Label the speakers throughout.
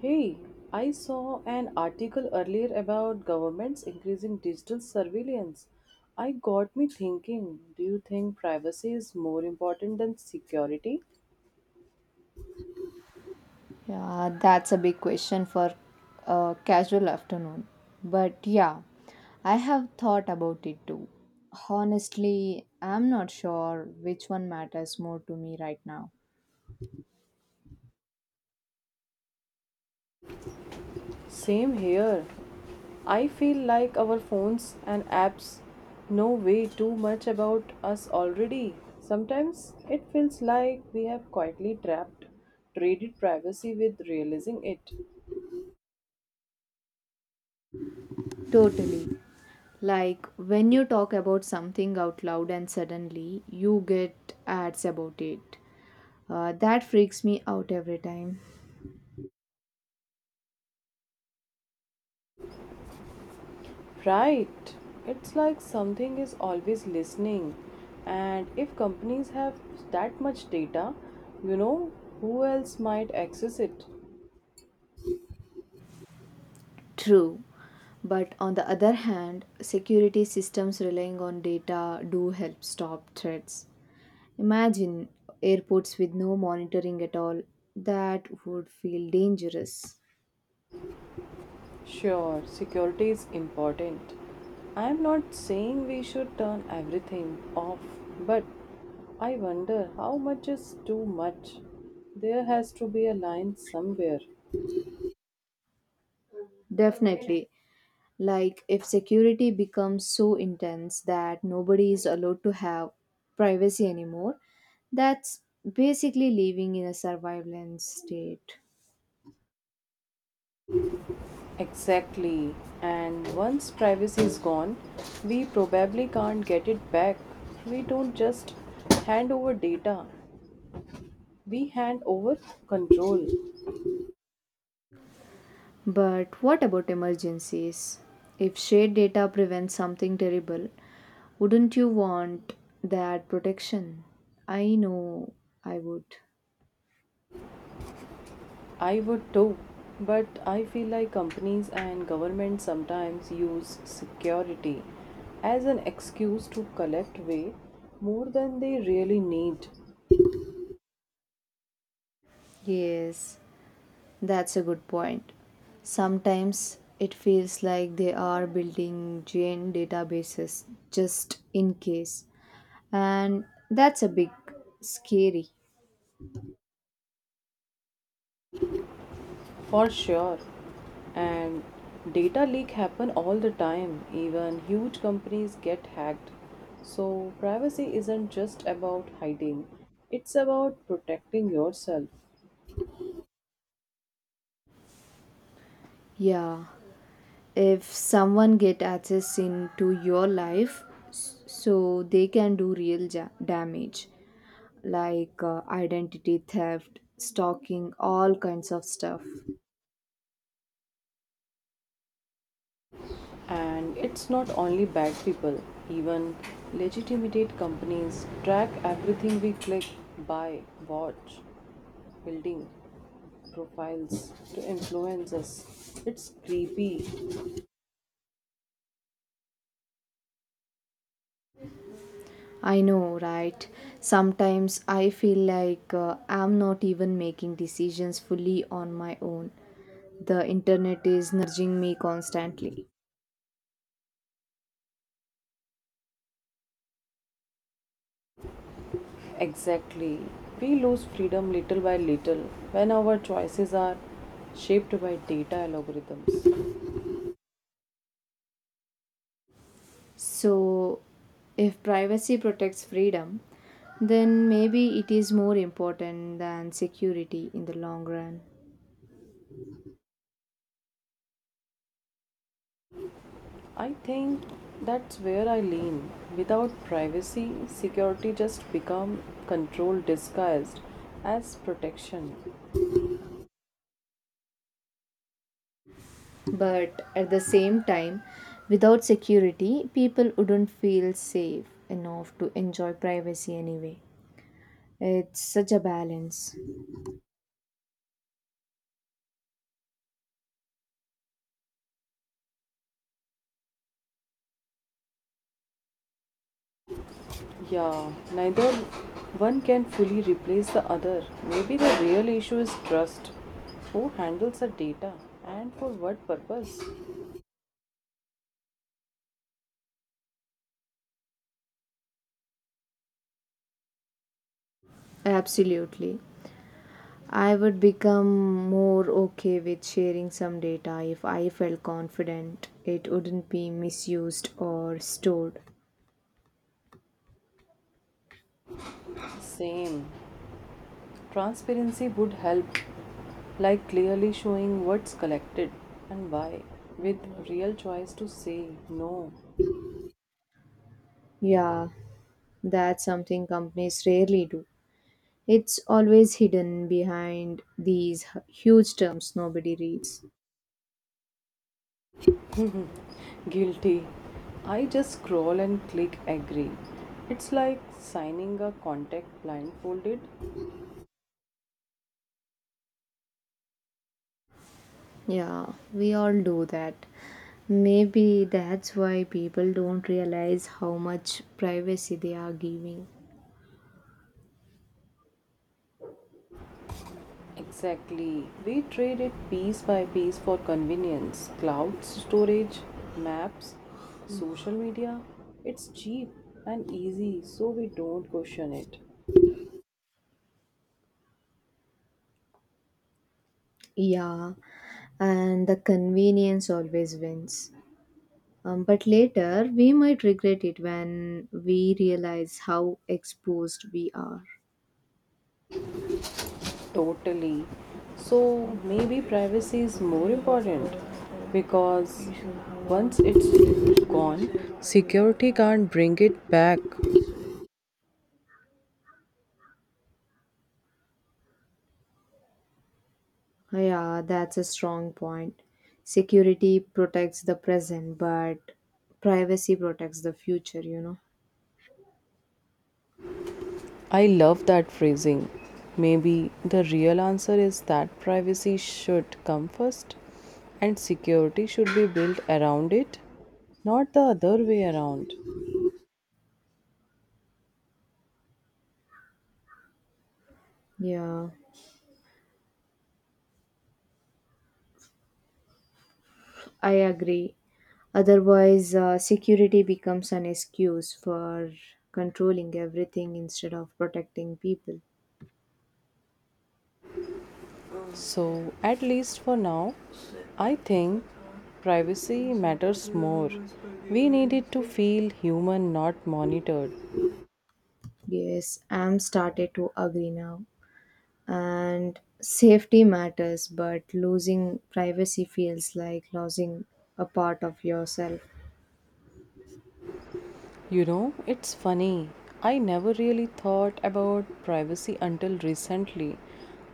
Speaker 1: Hey, I saw an article earlier about governments increasing digital surveillance. I got me thinking, do you think privacy is more important than security?
Speaker 2: Yeah, that's a big question for a casual afternoon. But yeah, I have thought about it too. Honestly, I'm not sure which one matters more to me right now.
Speaker 1: Same here. I feel like our phones and apps know way too much about us already. Sometimes it feels like we have quietly trapped traded privacy with realizing it.
Speaker 2: Totally. Like when you talk about something out loud and suddenly you get ads about it. That freaks me out every time.
Speaker 1: Right. It's like something is always listening. And if companies have that much data, you know, who else might access it?
Speaker 2: True. But on the other hand, security systems relying on data do help stop threats. Imagine airports with no monitoring at all. That would feel dangerous.
Speaker 1: Sure, security is important. I'm not saying we should turn everything off, but I wonder how much is too much. There has to be a line somewhere.
Speaker 2: Definitely. Like if security becomes so intense that nobody is allowed to have privacy anymore, that's basically living in a surveillance state.
Speaker 1: Exactly. And once privacy is gone, we probably can't get it back. We don't just hand over data, we hand over control.
Speaker 2: But what about emergencies? If shared data prevents something terrible, wouldn't you want that protection? I know I would.
Speaker 1: I would too, but I feel like companies and governments sometimes use security as an excuse to collect way more than they really need.
Speaker 2: Yes, that's a good point. Sometimes it feels like they are building giant databases just in case, and that's a bit scary.
Speaker 1: For sure. And data leak happen all the time. Even huge companies get hacked. So privacy isn't just about hiding. It's about protecting yourself.
Speaker 2: Yeah, if someone get access into your life, so they can do real damage, like identity theft, stalking, all kinds of stuff.
Speaker 1: And it's not only bad people. Even legitimate companies track everything we click, buy, watch, building profiles to influence us. It's creepy.
Speaker 2: I know, right? Sometimes I feel like I'm not even making decisions fully on my own. The internet is nudging me constantly.
Speaker 1: Exactly. We lose freedom little by little when our choices are shaped by data algorithms.
Speaker 2: So, if privacy protects freedom, then maybe it is more important than security in the long run.
Speaker 1: I think that's where I lean. Without privacy, security just become control disguised as protection.
Speaker 2: But at the same time, without security, people wouldn't feel safe enough to enjoy privacy anyway. It's such a balance.
Speaker 1: Yeah, neither one can fully replace the other. Maybe the real issue is trust. Who handles the data and for what purpose?
Speaker 2: Absolutely. I would become more okay with sharing some data if I felt confident it wouldn't be misused or stored.
Speaker 1: Same. Transparency would help, like clearly showing what's collected and why, with real choice to say no.
Speaker 2: Yeah, that's something companies rarely do. It's always hidden behind these huge terms nobody reads.
Speaker 1: Guilty. I just scroll and click agree. It's like signing a contract blindfolded.
Speaker 2: Yeah, we all do that. Maybe that's why people don't realize how much privacy they are giving.
Speaker 1: Exactly. We trade it piece by piece for convenience, cloud storage, maps, social media. It's cheap and easy, so we don't question it.
Speaker 2: Yeah, and the convenience always wins. But later, we might regret it when we realize how exposed we are.
Speaker 1: Totally. So maybe privacy is more important because once it's gone, security can't bring it back.
Speaker 2: Yeah, that's a strong point. Security protects the present, but privacy protects the future.
Speaker 1: I love that phrasing. Maybe the real answer is that privacy should come first and security should be built around it, not the other way around.
Speaker 2: Yeah, I agree. Otherwise, security becomes an excuse for controlling everything instead of protecting people.
Speaker 1: So, at least for now, I think privacy matters more. We need it to feel human, not monitored.
Speaker 2: Yes, I'm started to agree now. And safety matters, but losing privacy feels like losing a part of yourself.
Speaker 1: You know, it's funny. I never really thought about privacy until recently.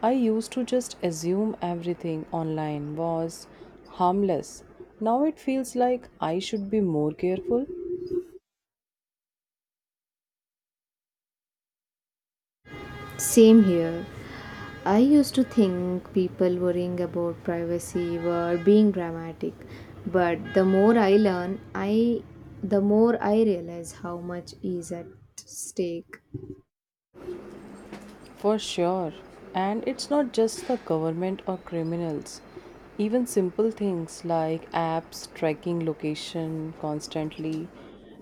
Speaker 1: I used to just assume everything online was harmless. Now it feels like I should be more careful.
Speaker 2: Same here. I used to think people worrying about privacy were being dramatic, but the more I learn, I the more I realize how much is at stake.
Speaker 1: For sure. And it's not just the government or criminals. Even simple things like apps tracking location constantly.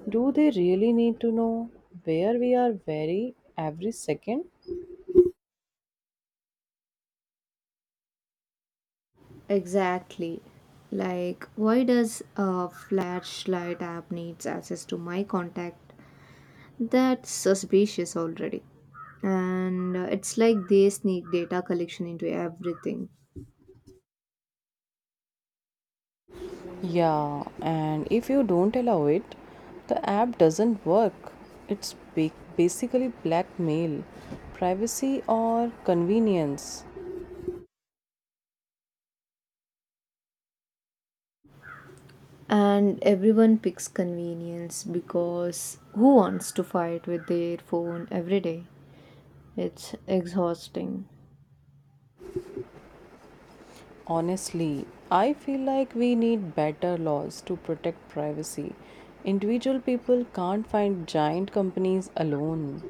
Speaker 1: Do they really need to know where we are very every second?
Speaker 2: Exactly. Like why does a flashlight app needs access to my contact? That's suspicious already. And it's like they sneak data collection into everything.
Speaker 1: Yeah, and if you don't allow it, the app doesn't work. It's basically blackmail, privacy or convenience.
Speaker 2: And everyone picks convenience because who wants to fight with their phone every day? It's exhausting.
Speaker 1: Honestly, I feel like we need better laws to protect privacy. Individual people can't find giant companies alone.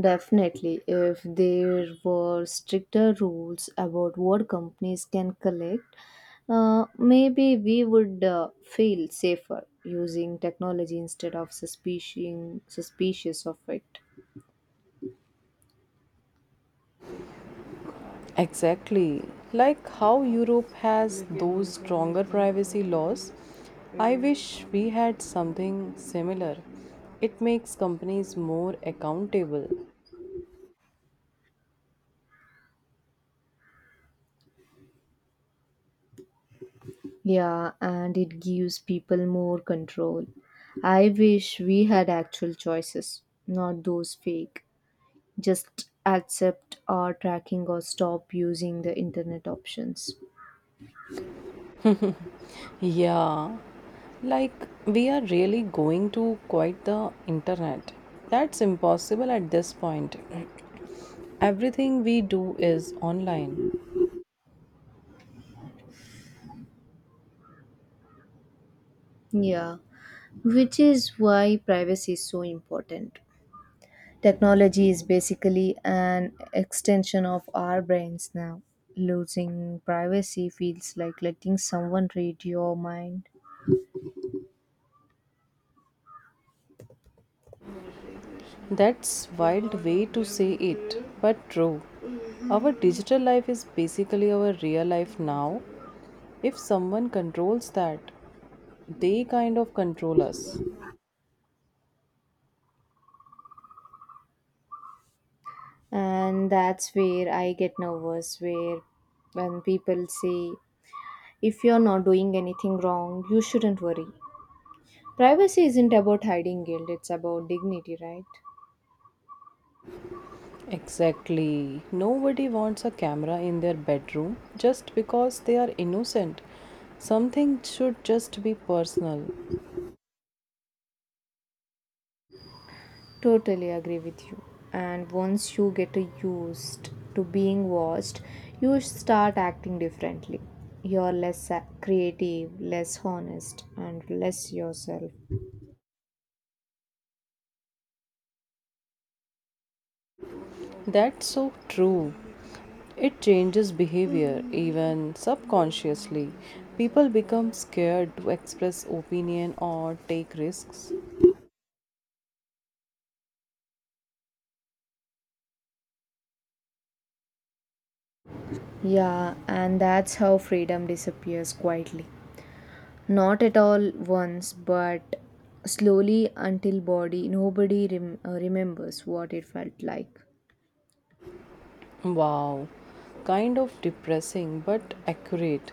Speaker 2: Definitely, if there were stricter rules about what companies can collect, maybe we would feel safer using technology instead of suspicious of it.
Speaker 1: Exactly. Like how Europe has those stronger privacy laws. I wish we had something similar. It makes companies more accountable.
Speaker 2: Yeah, and it gives people more control. I wish we had actual choices, not those fake. Just accept our tracking or stop using the internet options.
Speaker 1: Yeah, like we are really going to quite the internet. That's impossible at this point. Everything we do is online.
Speaker 2: Yeah, which is why privacy is so important. Technology is basically an extension of our brains now. Losing privacy feels like letting someone read your mind.
Speaker 1: That's wild way to say it, but true. Our digital life is basically our real life now. If someone controls that, they kind of control us.
Speaker 2: And that's where I get nervous, where when people say, if you're not doing anything wrong, you shouldn't worry. Privacy isn't about hiding guilt, it's about dignity, right?
Speaker 1: Exactly. Nobody wants a camera in their bedroom just because they are innocent. Something should just be personal.
Speaker 2: Totally agree with you. And once you get used to being watched, you start acting differently. You're less creative, less honest, and less yourself.
Speaker 1: That's so true. It changes behavior even subconsciously. People become scared to express opinion or take risks.
Speaker 2: Yeah, and that's how freedom disappears quietly, not at all once, but slowly, until body nobody remembers what it felt like.
Speaker 1: Wow, kind of depressing but accurate.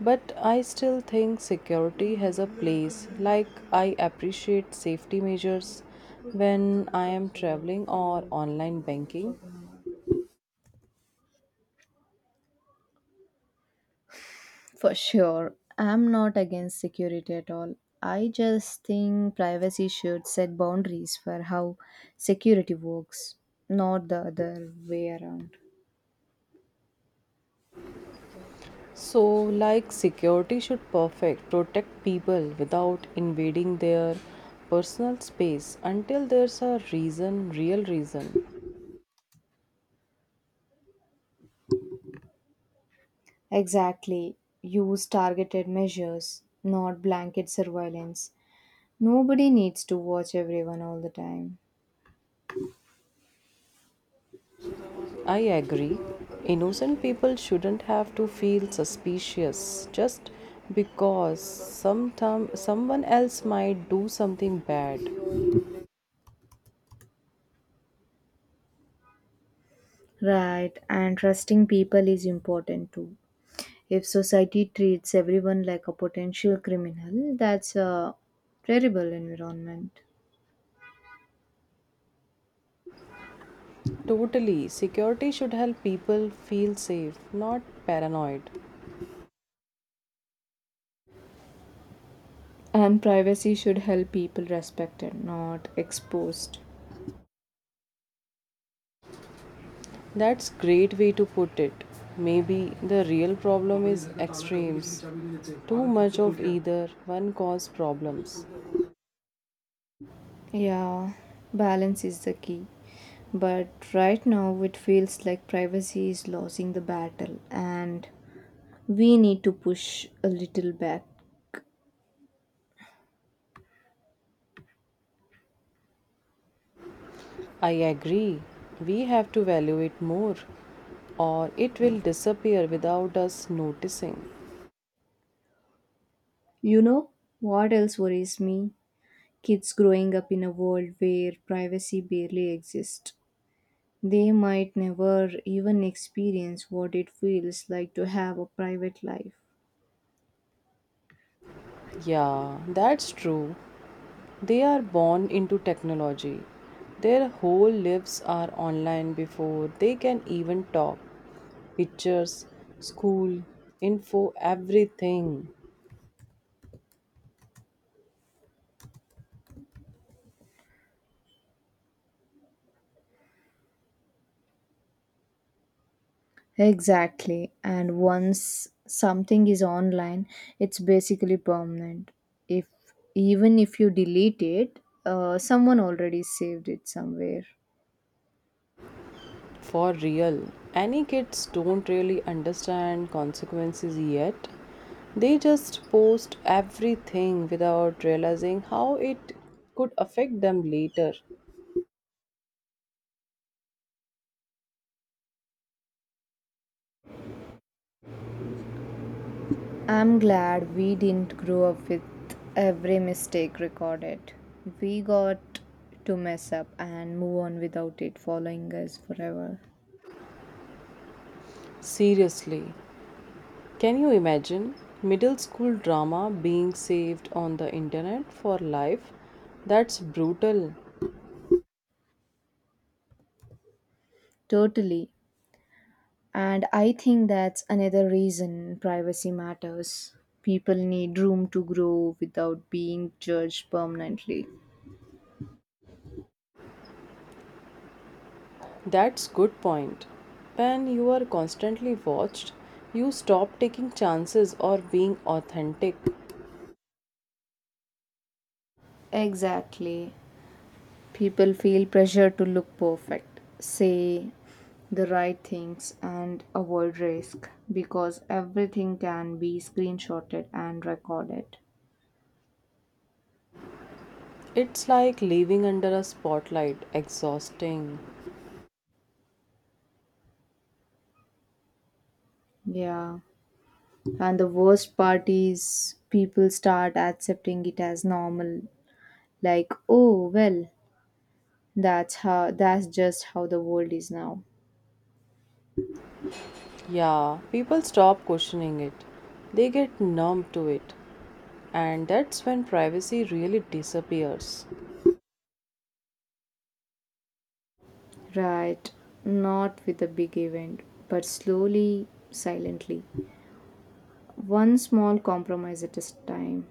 Speaker 1: But I still think security has a place. Like I appreciate safety measures when I am traveling or online banking.
Speaker 2: For sure, I'm not against security at all. I just think privacy should set boundaries for how security works, not the other way around.
Speaker 1: So, like security should perfect protect people without invading their personal space until there's a reason, real reason.
Speaker 2: Exactly, use targeted measures, not blanket surveillance. Nobody needs to watch everyone all the time.
Speaker 1: I agree. Innocent people shouldn't have to feel suspicious just because sometime someone else might do something bad.
Speaker 2: Right, and trusting people is important too. If society treats everyone like a potential criminal, that's a terrible environment.
Speaker 1: Totally, security should help people feel safe, not paranoid.
Speaker 2: And privacy should help people respected, not exposed.
Speaker 1: That's great way to put it. Maybe the real problem is extremes. Too much of either one cause problems.
Speaker 2: Yeah, balance is the key. But right now it feels like privacy is losing the battle and we need to push a little back.
Speaker 1: I agree. We have to value it more or it will disappear without us noticing.
Speaker 2: You know what else worries me? Kids growing up in a world where privacy barely exists. They might never even experience what it feels like to have a private life.
Speaker 1: Yeah, that's true. They are born into technology. Their whole lives are online before they can even talk. Pictures, school, info, everything.
Speaker 2: Exactly. And once something is online, it's basically permanent. If even if you delete it, someone already saved it somewhere.
Speaker 1: For real, any kids don't really understand consequences yet. They just post everything without realizing how it could affect them later.
Speaker 2: I'm glad we didn't grow up with every mistake recorded. We got to mess up and move on without it following us forever.
Speaker 1: Seriously, can you imagine middle school drama being saved on the internet for life? That's brutal.
Speaker 2: Totally. And I think that's another reason privacy matters. People need room to grow without being judged permanently.
Speaker 1: That's good point. When you are constantly watched, you stop taking chances or being authentic.
Speaker 2: Exactly. People feel pressure to look perfect, say the right things, and avoid risk because everything can be screenshotted and recorded.
Speaker 1: It's like living under a spotlight, exhausting.
Speaker 2: Yeah. And the worst part is people start accepting it as normal. Like, oh, well, that's just how the world is now.
Speaker 1: Yeah, people stop questioning it. They get numb to it. And that's when privacy really disappears.
Speaker 2: Right. Not with a big event, but slowly, silently. One small compromise at a time.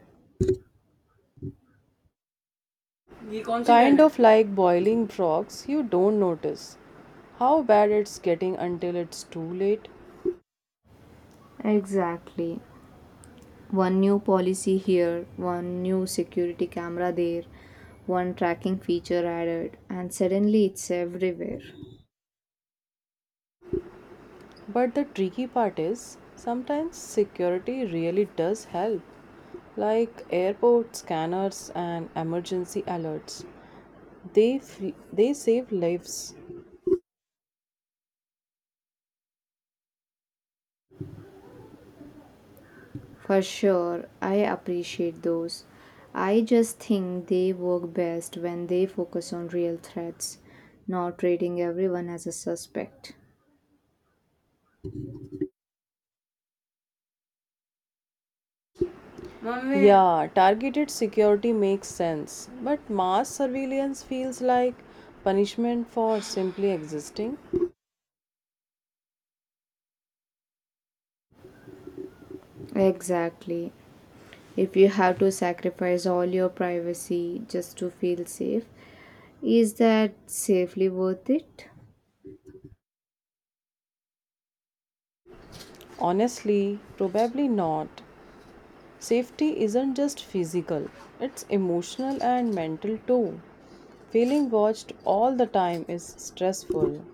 Speaker 1: कौन सी Kind brand of like boiling frogs, you don't notice how bad it's getting until it's too late.
Speaker 2: Exactly. One new policy here, one new security camera there, one tracking feature added, and suddenly it's everywhere.
Speaker 1: But the tricky part is sometimes security really does help, like airport scanners and emergency alerts. They, they save lives.
Speaker 2: For sure, I appreciate those. I just think they work best when they focus on real threats, not treating everyone as a suspect.
Speaker 1: Yeah, targeted security makes sense, but mass surveillance feels like punishment for simply existing.
Speaker 2: Exactly. If you have to sacrifice all your privacy just to feel safe, is that safely worth it?
Speaker 1: Honestly, probably not. Safety isn't just physical, it's emotional and mental too. Feeling watched all the time is stressful.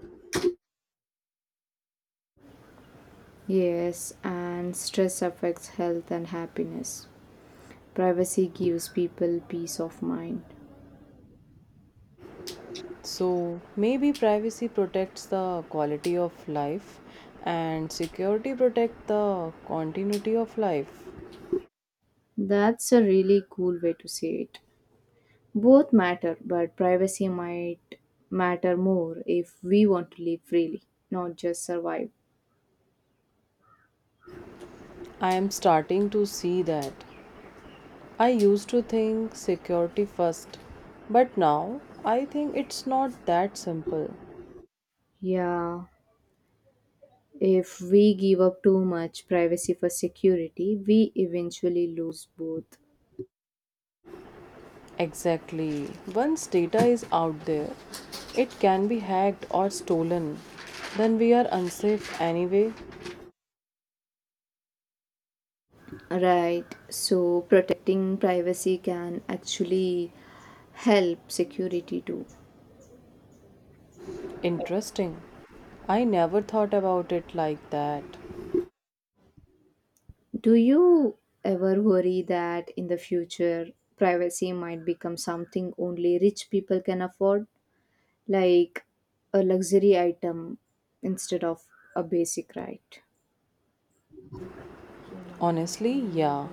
Speaker 2: Yes, and stress affects health and happiness. Privacy gives people peace of mind.
Speaker 1: So, maybe privacy protects the quality of life and security protects the continuity of life.
Speaker 2: That's a really cool way to say it. Both matter, but privacy might matter more if we want to live freely, not just survive.
Speaker 1: I am starting to see that I used to think security first, but now I think it's not that simple.
Speaker 2: Yeah, if we give up too much privacy for security, we eventually lose both.
Speaker 1: Exactly. Once data is out there, it can be hacked or stolen. Then we are unsafe anyway.
Speaker 2: Right, so protecting privacy can actually help security too.
Speaker 1: Interesting. I never thought about it like that.
Speaker 2: Do you ever worry that in the future privacy might become something only rich people can afford, like a luxury item instead of a basic right?
Speaker 1: Honestly, yeah.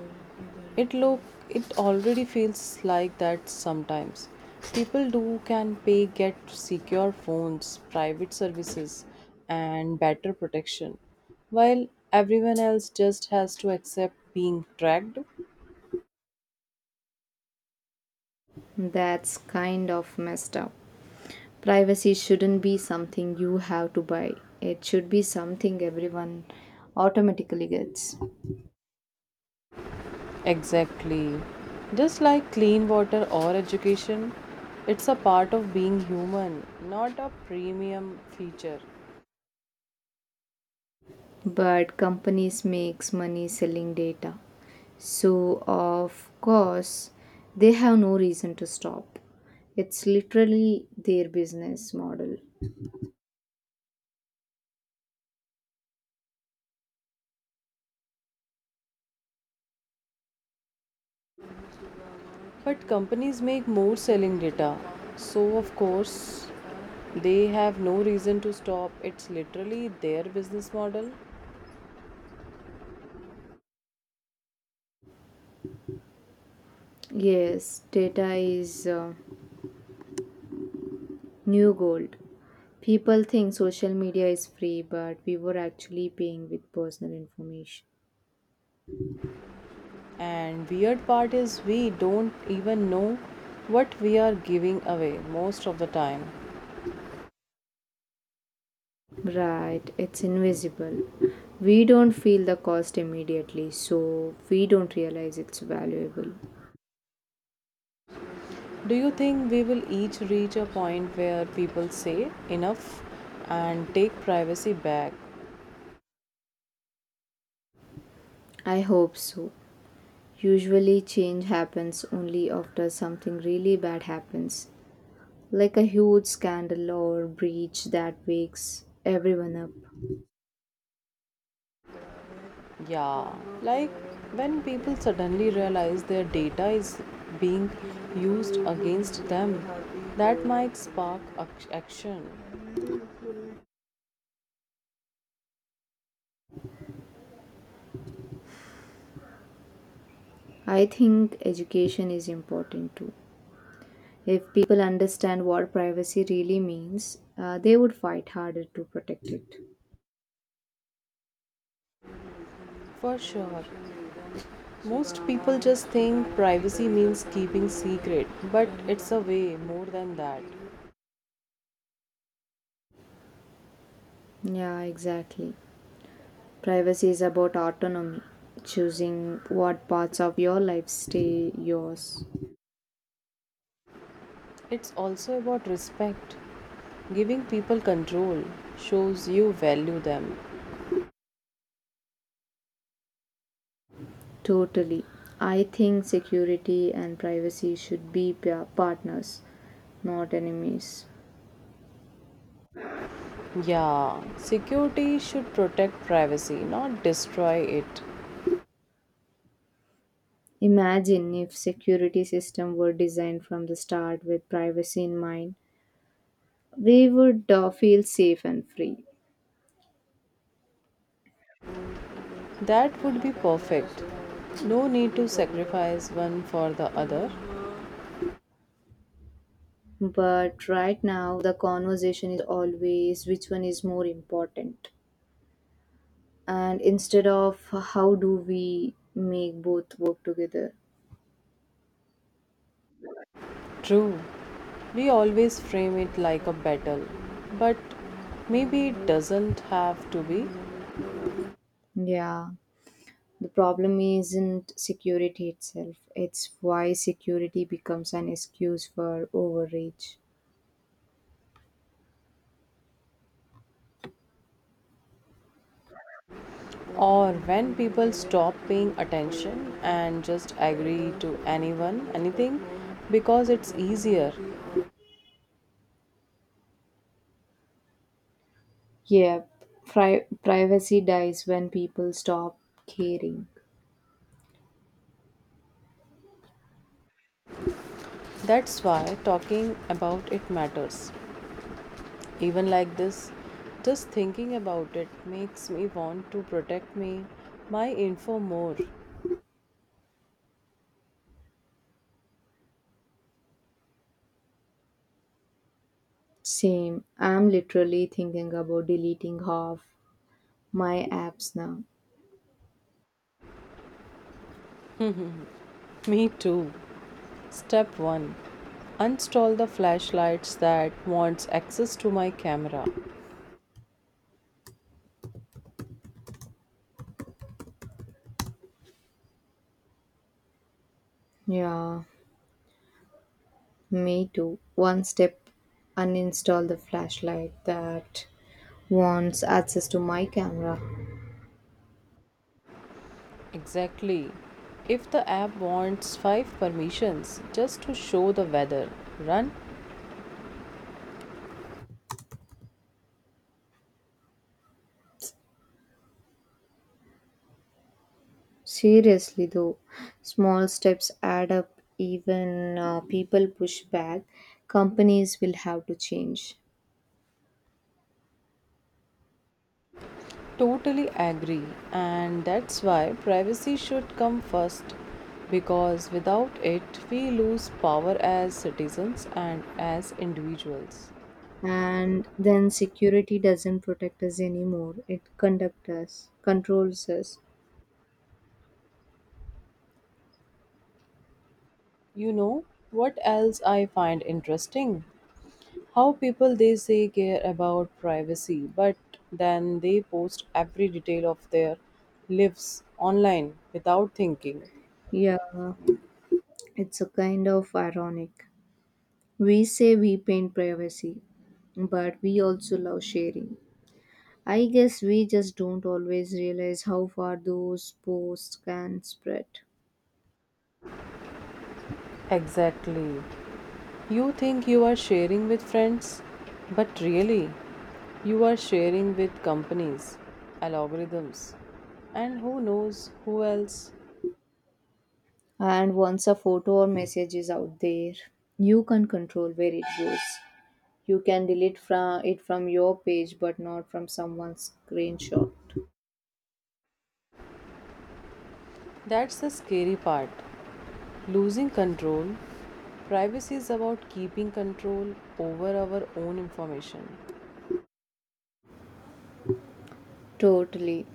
Speaker 1: It look it already feels like that sometimes. People do can pay get secure phones, private services and better protection while everyone else just has to accept being tracked.
Speaker 2: That's kind of messed up. Privacy shouldn't be something you have to buy, it should be something everyone automatically gets.
Speaker 1: Exactly. Just like clean water or education, it's a part of being human, not a premium feature.
Speaker 2: But companies makes money selling data, so of course they have no reason to stop. It's literally their business model.
Speaker 1: But companies make more selling data, so of course they have no reason to stop. It's literally their business model.
Speaker 2: Yes, data is new gold. People think social media is free, but we were actually paying with personal information.
Speaker 1: And weird part is we don't even know what we are giving away most of the time.
Speaker 2: Right, it's invisible. We don't feel the cost immediately, so we don't realize it's valuable.
Speaker 1: Do you think we will each reach a point where people say enough and take privacy back?
Speaker 2: I hope so. Usually, change happens only after something really bad happens, like a huge scandal or breach that wakes everyone up.
Speaker 1: Yeah, like when people suddenly realize their data is being used against them, that might spark action.
Speaker 2: I think education is important too. If people understand what privacy really means, they would fight harder to protect it.
Speaker 1: For sure. Most people just think privacy means keeping secret, but it's a way more than that.
Speaker 2: Yeah, exactly. Privacy is about autonomy, choosing what parts of your life stay yours.
Speaker 1: It's also about respect. Giving people control shows you value them.
Speaker 2: Totally. I think security and privacy should be partners, not enemies.
Speaker 1: Yeah, security should protect privacy, not destroy it.
Speaker 2: Imagine if security system were designed from the start with privacy in mind. We would feel safe and free.
Speaker 1: That would be perfect. No need to sacrifice one for the other.
Speaker 2: But right now the conversation is always which one is more important. And instead of, how do we make both work together?
Speaker 1: True. We always frame it like a battle, but maybe it doesn't have to be.
Speaker 2: Yeah. The problem isn't security itself, it's why security becomes an excuse for overreach.
Speaker 1: Or when people stop paying attention and just agree to anyone, anything, because it's easier.
Speaker 2: Yeah, privacy dies when people stop caring.
Speaker 1: That's why talking about it matters. Even like this, just thinking about it makes me want to protect my info more.
Speaker 2: Same, I'm literally thinking about deleting half my apps now.
Speaker 1: Me too. Step 1, uninstall the flashlights that wants access to my camera.
Speaker 2: Yeah, me too. One step, uninstall the flashlight that wants access to my camera.
Speaker 1: Exactly. If the app wants 5 permissions just to show the weather, run.
Speaker 2: Seriously, though, small steps add up. Even people push back, companies will have to change.
Speaker 1: Totally agree. And that's why privacy should come first because without it, we lose power as citizens and as individuals.
Speaker 2: And then security doesn't protect us anymore, it conducts us, controls us.
Speaker 1: You know what else I find interesting? How people they say care about privacy but then they post every detail of their lives online without thinking.
Speaker 2: Yeah, it's a kind of ironic. We say we paint privacy, but we also love sharing. I guess we just don't always realize how far those posts can spread.
Speaker 1: Exactly, you think you are sharing with friends but really you are sharing with companies, algorithms, and who knows who else.
Speaker 2: And once a photo or message is out there, you can control where it goes. You can delete from it from your page but not from someone's screenshot.
Speaker 1: That's the scary part, losing control. Privacy is about keeping control over our own information.
Speaker 2: Totally.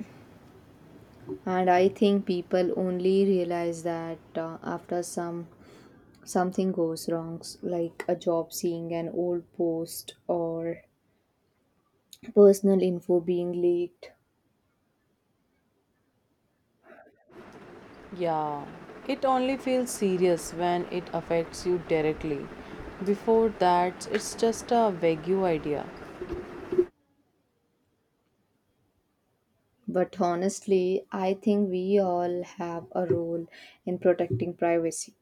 Speaker 2: And I think people only realize that after something goes wrong, like a job seeing an old post or personal info being leaked.
Speaker 1: Yeah, it only feels serious when it affects you directly. Before that, it's just a vague idea.
Speaker 2: But honestly, I think we all have a role in protecting privacy,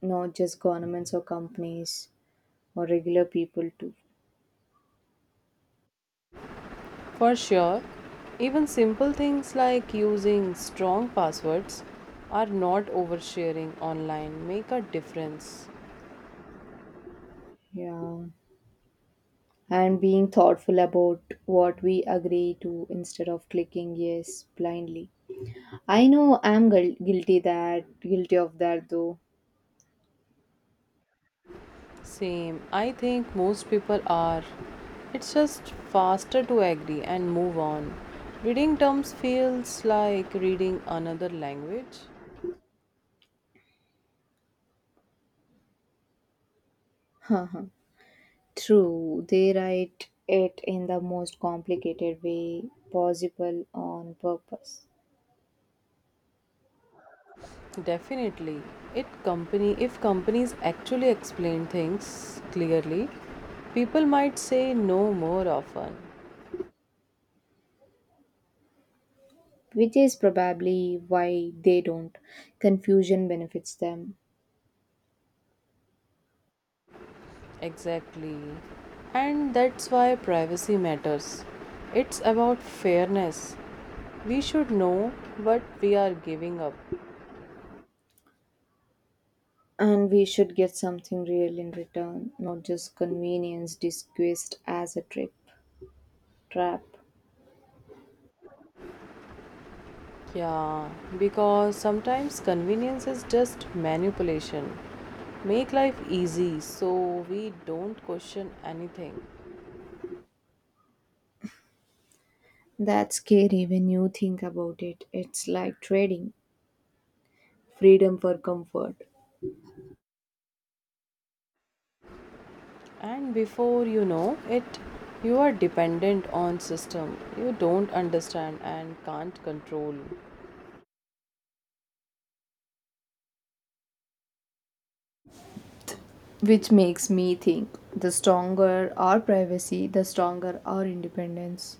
Speaker 2: not just governments or companies or regular people too.
Speaker 1: For sure, even simple things like using strong passwords or not oversharing online make a difference.
Speaker 2: Yeah. And being thoughtful about what we agree to instead of clicking yes blindly. I know I'm guilty of that though.
Speaker 1: Same, I think most people are. It's just faster to agree and move on. Reading terms feels like reading another language.
Speaker 2: True, they write it in the most complicated way possible on purpose.
Speaker 1: Definitely. It company If companies actually explain things clearly, people might say no more often.
Speaker 2: Which is probably why they don't. Confusion benefits them,
Speaker 1: Exactly. And that's why privacy matters. It's about fairness. We should know what we are giving up.
Speaker 2: and we should get something real in return, not just convenience disguised as a trip trap.
Speaker 1: Yeah, because sometimes convenience is just manipulation. Make life easy so we don't question anything.
Speaker 2: That's scary when you think about it. It's like trading freedom for comfort.
Speaker 1: And before you know it, you are dependent on system you don't understand and can't control.
Speaker 2: Which makes me think, the stronger our privacy, the stronger our independence.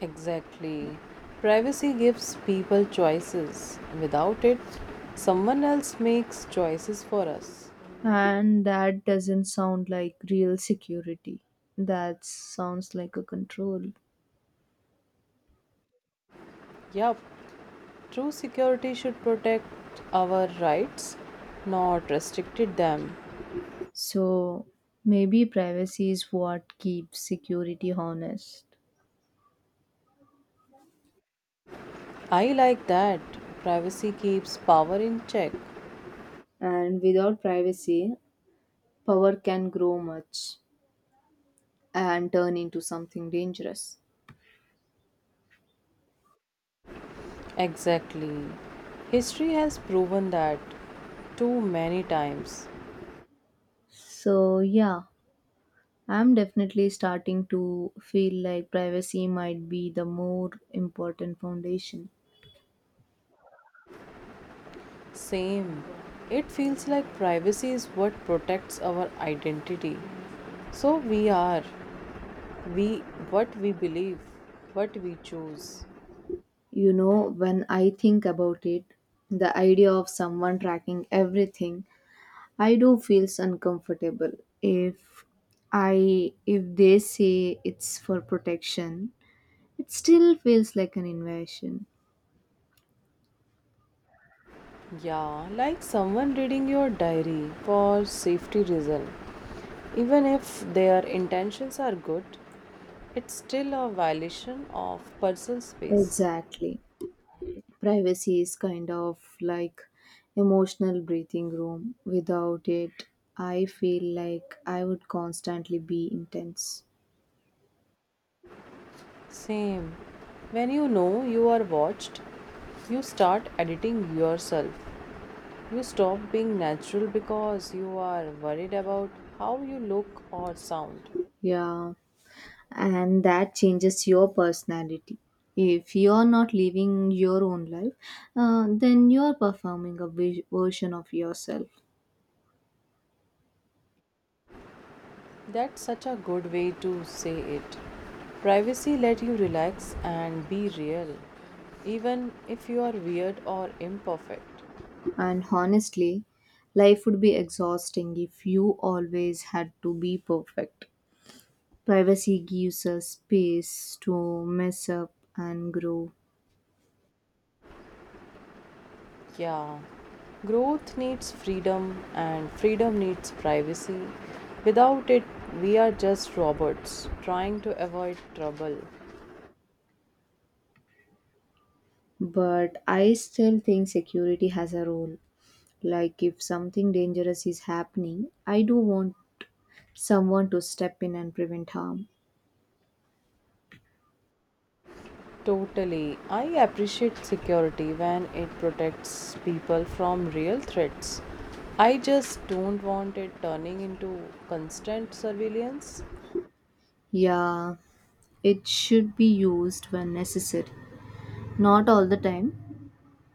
Speaker 1: Exactly, privacy gives people choices. Without it, someone else makes choices for us.
Speaker 2: And that doesn't sound like real security. That sounds like a control.
Speaker 1: Yup, true security should protect our rights, not restricted them.
Speaker 2: So maybe privacy is what keeps security honest.
Speaker 1: I like that. Privacy keeps power in check.
Speaker 2: And without privacy, power can grow much and turn into something dangerous.
Speaker 1: Exactly. History has proven that too many times.
Speaker 2: So yeah, I'm definitely starting to feel like privacy might be the more important foundation.
Speaker 1: Same. It feels like privacy is what protects our identity. So we, what we believe, what we choose.
Speaker 2: You know, when I think about it, the idea of someone tracking everything I do feels uncomfortable, if if they say it's for protection. It still feels like an invasion.
Speaker 1: Yeah, like someone reading your diary for safety reason. Even if their intentions are good, it's still a violation of personal space.
Speaker 2: Exactly. Privacy is kind of like emotional breathing room. Without it, I feel like I would constantly be intense.
Speaker 1: Same. When you know you are watched, you start editing yourself. You stop being natural because you are worried about how you look or sound.
Speaker 2: Yeah. And that changes your personality. If you're not living your own life, then you're performing a version of yourself.
Speaker 1: That's such a good way to say it. Privacy let you relax and be real, even if you are weird or imperfect.
Speaker 2: And honestly, life would be exhausting if you always had to be perfect. Privacy gives us space to mess up and grow.
Speaker 1: Yeah, growth needs freedom and freedom needs privacy. Without it, we are just robots trying to avoid trouble.
Speaker 2: But I still think security has a role. Like, if something dangerous is happening, I do want someone to step in and prevent harm.
Speaker 1: Totally. I appreciate security when it protects people from real threats. I just don't want it turning into constant surveillance.
Speaker 2: Yeah, it should be used when necessary. Not all the time,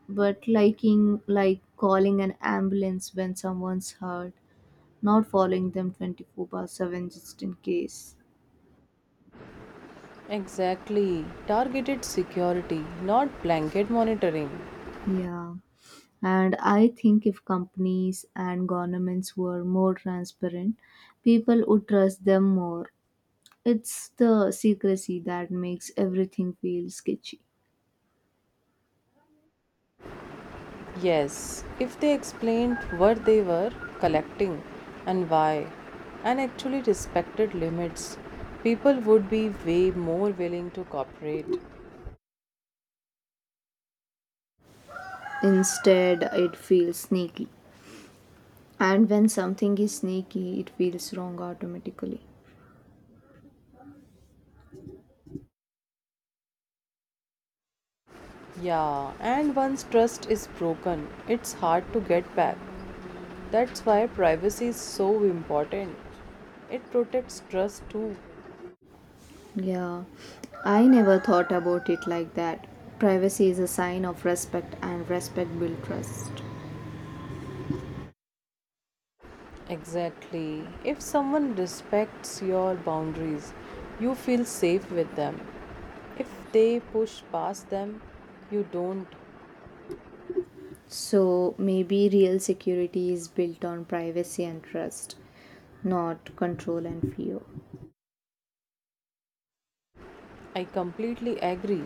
Speaker 2: but like calling an ambulance when someone's hurt, not following them 24/7 just in case.
Speaker 1: Exactly. Targeted security, not blanket monitoring.
Speaker 2: Yeah. And I think if companies and governments were more transparent, people would trust them more. It's the secrecy that makes everything feel sketchy.
Speaker 1: Yes, if they explained what they were collecting and why, and actually respected limits, people would be way more willing to cooperate.
Speaker 2: Instead, it feels sneaky. And when something is sneaky, it feels wrong automatically.
Speaker 1: Yeah, and once trust is broken, it's hard to get back. That's why privacy is so important. It protects trust too.
Speaker 2: Yeah, I never thought about it like that. Privacy is a sign of respect, and respect builds trust.
Speaker 1: Exactly. If someone respects your boundaries, you feel safe with them. If they push past them, you don't.
Speaker 2: So maybe real security is built on privacy and trust, not control and fear.
Speaker 1: I completely agree.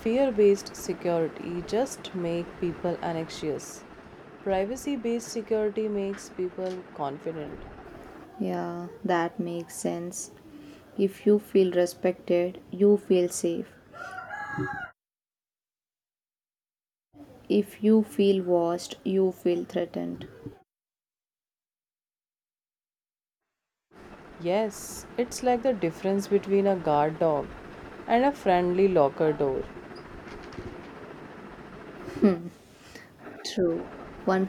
Speaker 1: Fear based security just make people anxious. Privacy based security makes people confident.
Speaker 2: Yeah, that makes sense. If you feel respected, you feel safe. If you feel watched, you feel threatened.
Speaker 1: Yes, it's like the difference between a guard dog and a friendly locker door.
Speaker 2: True. One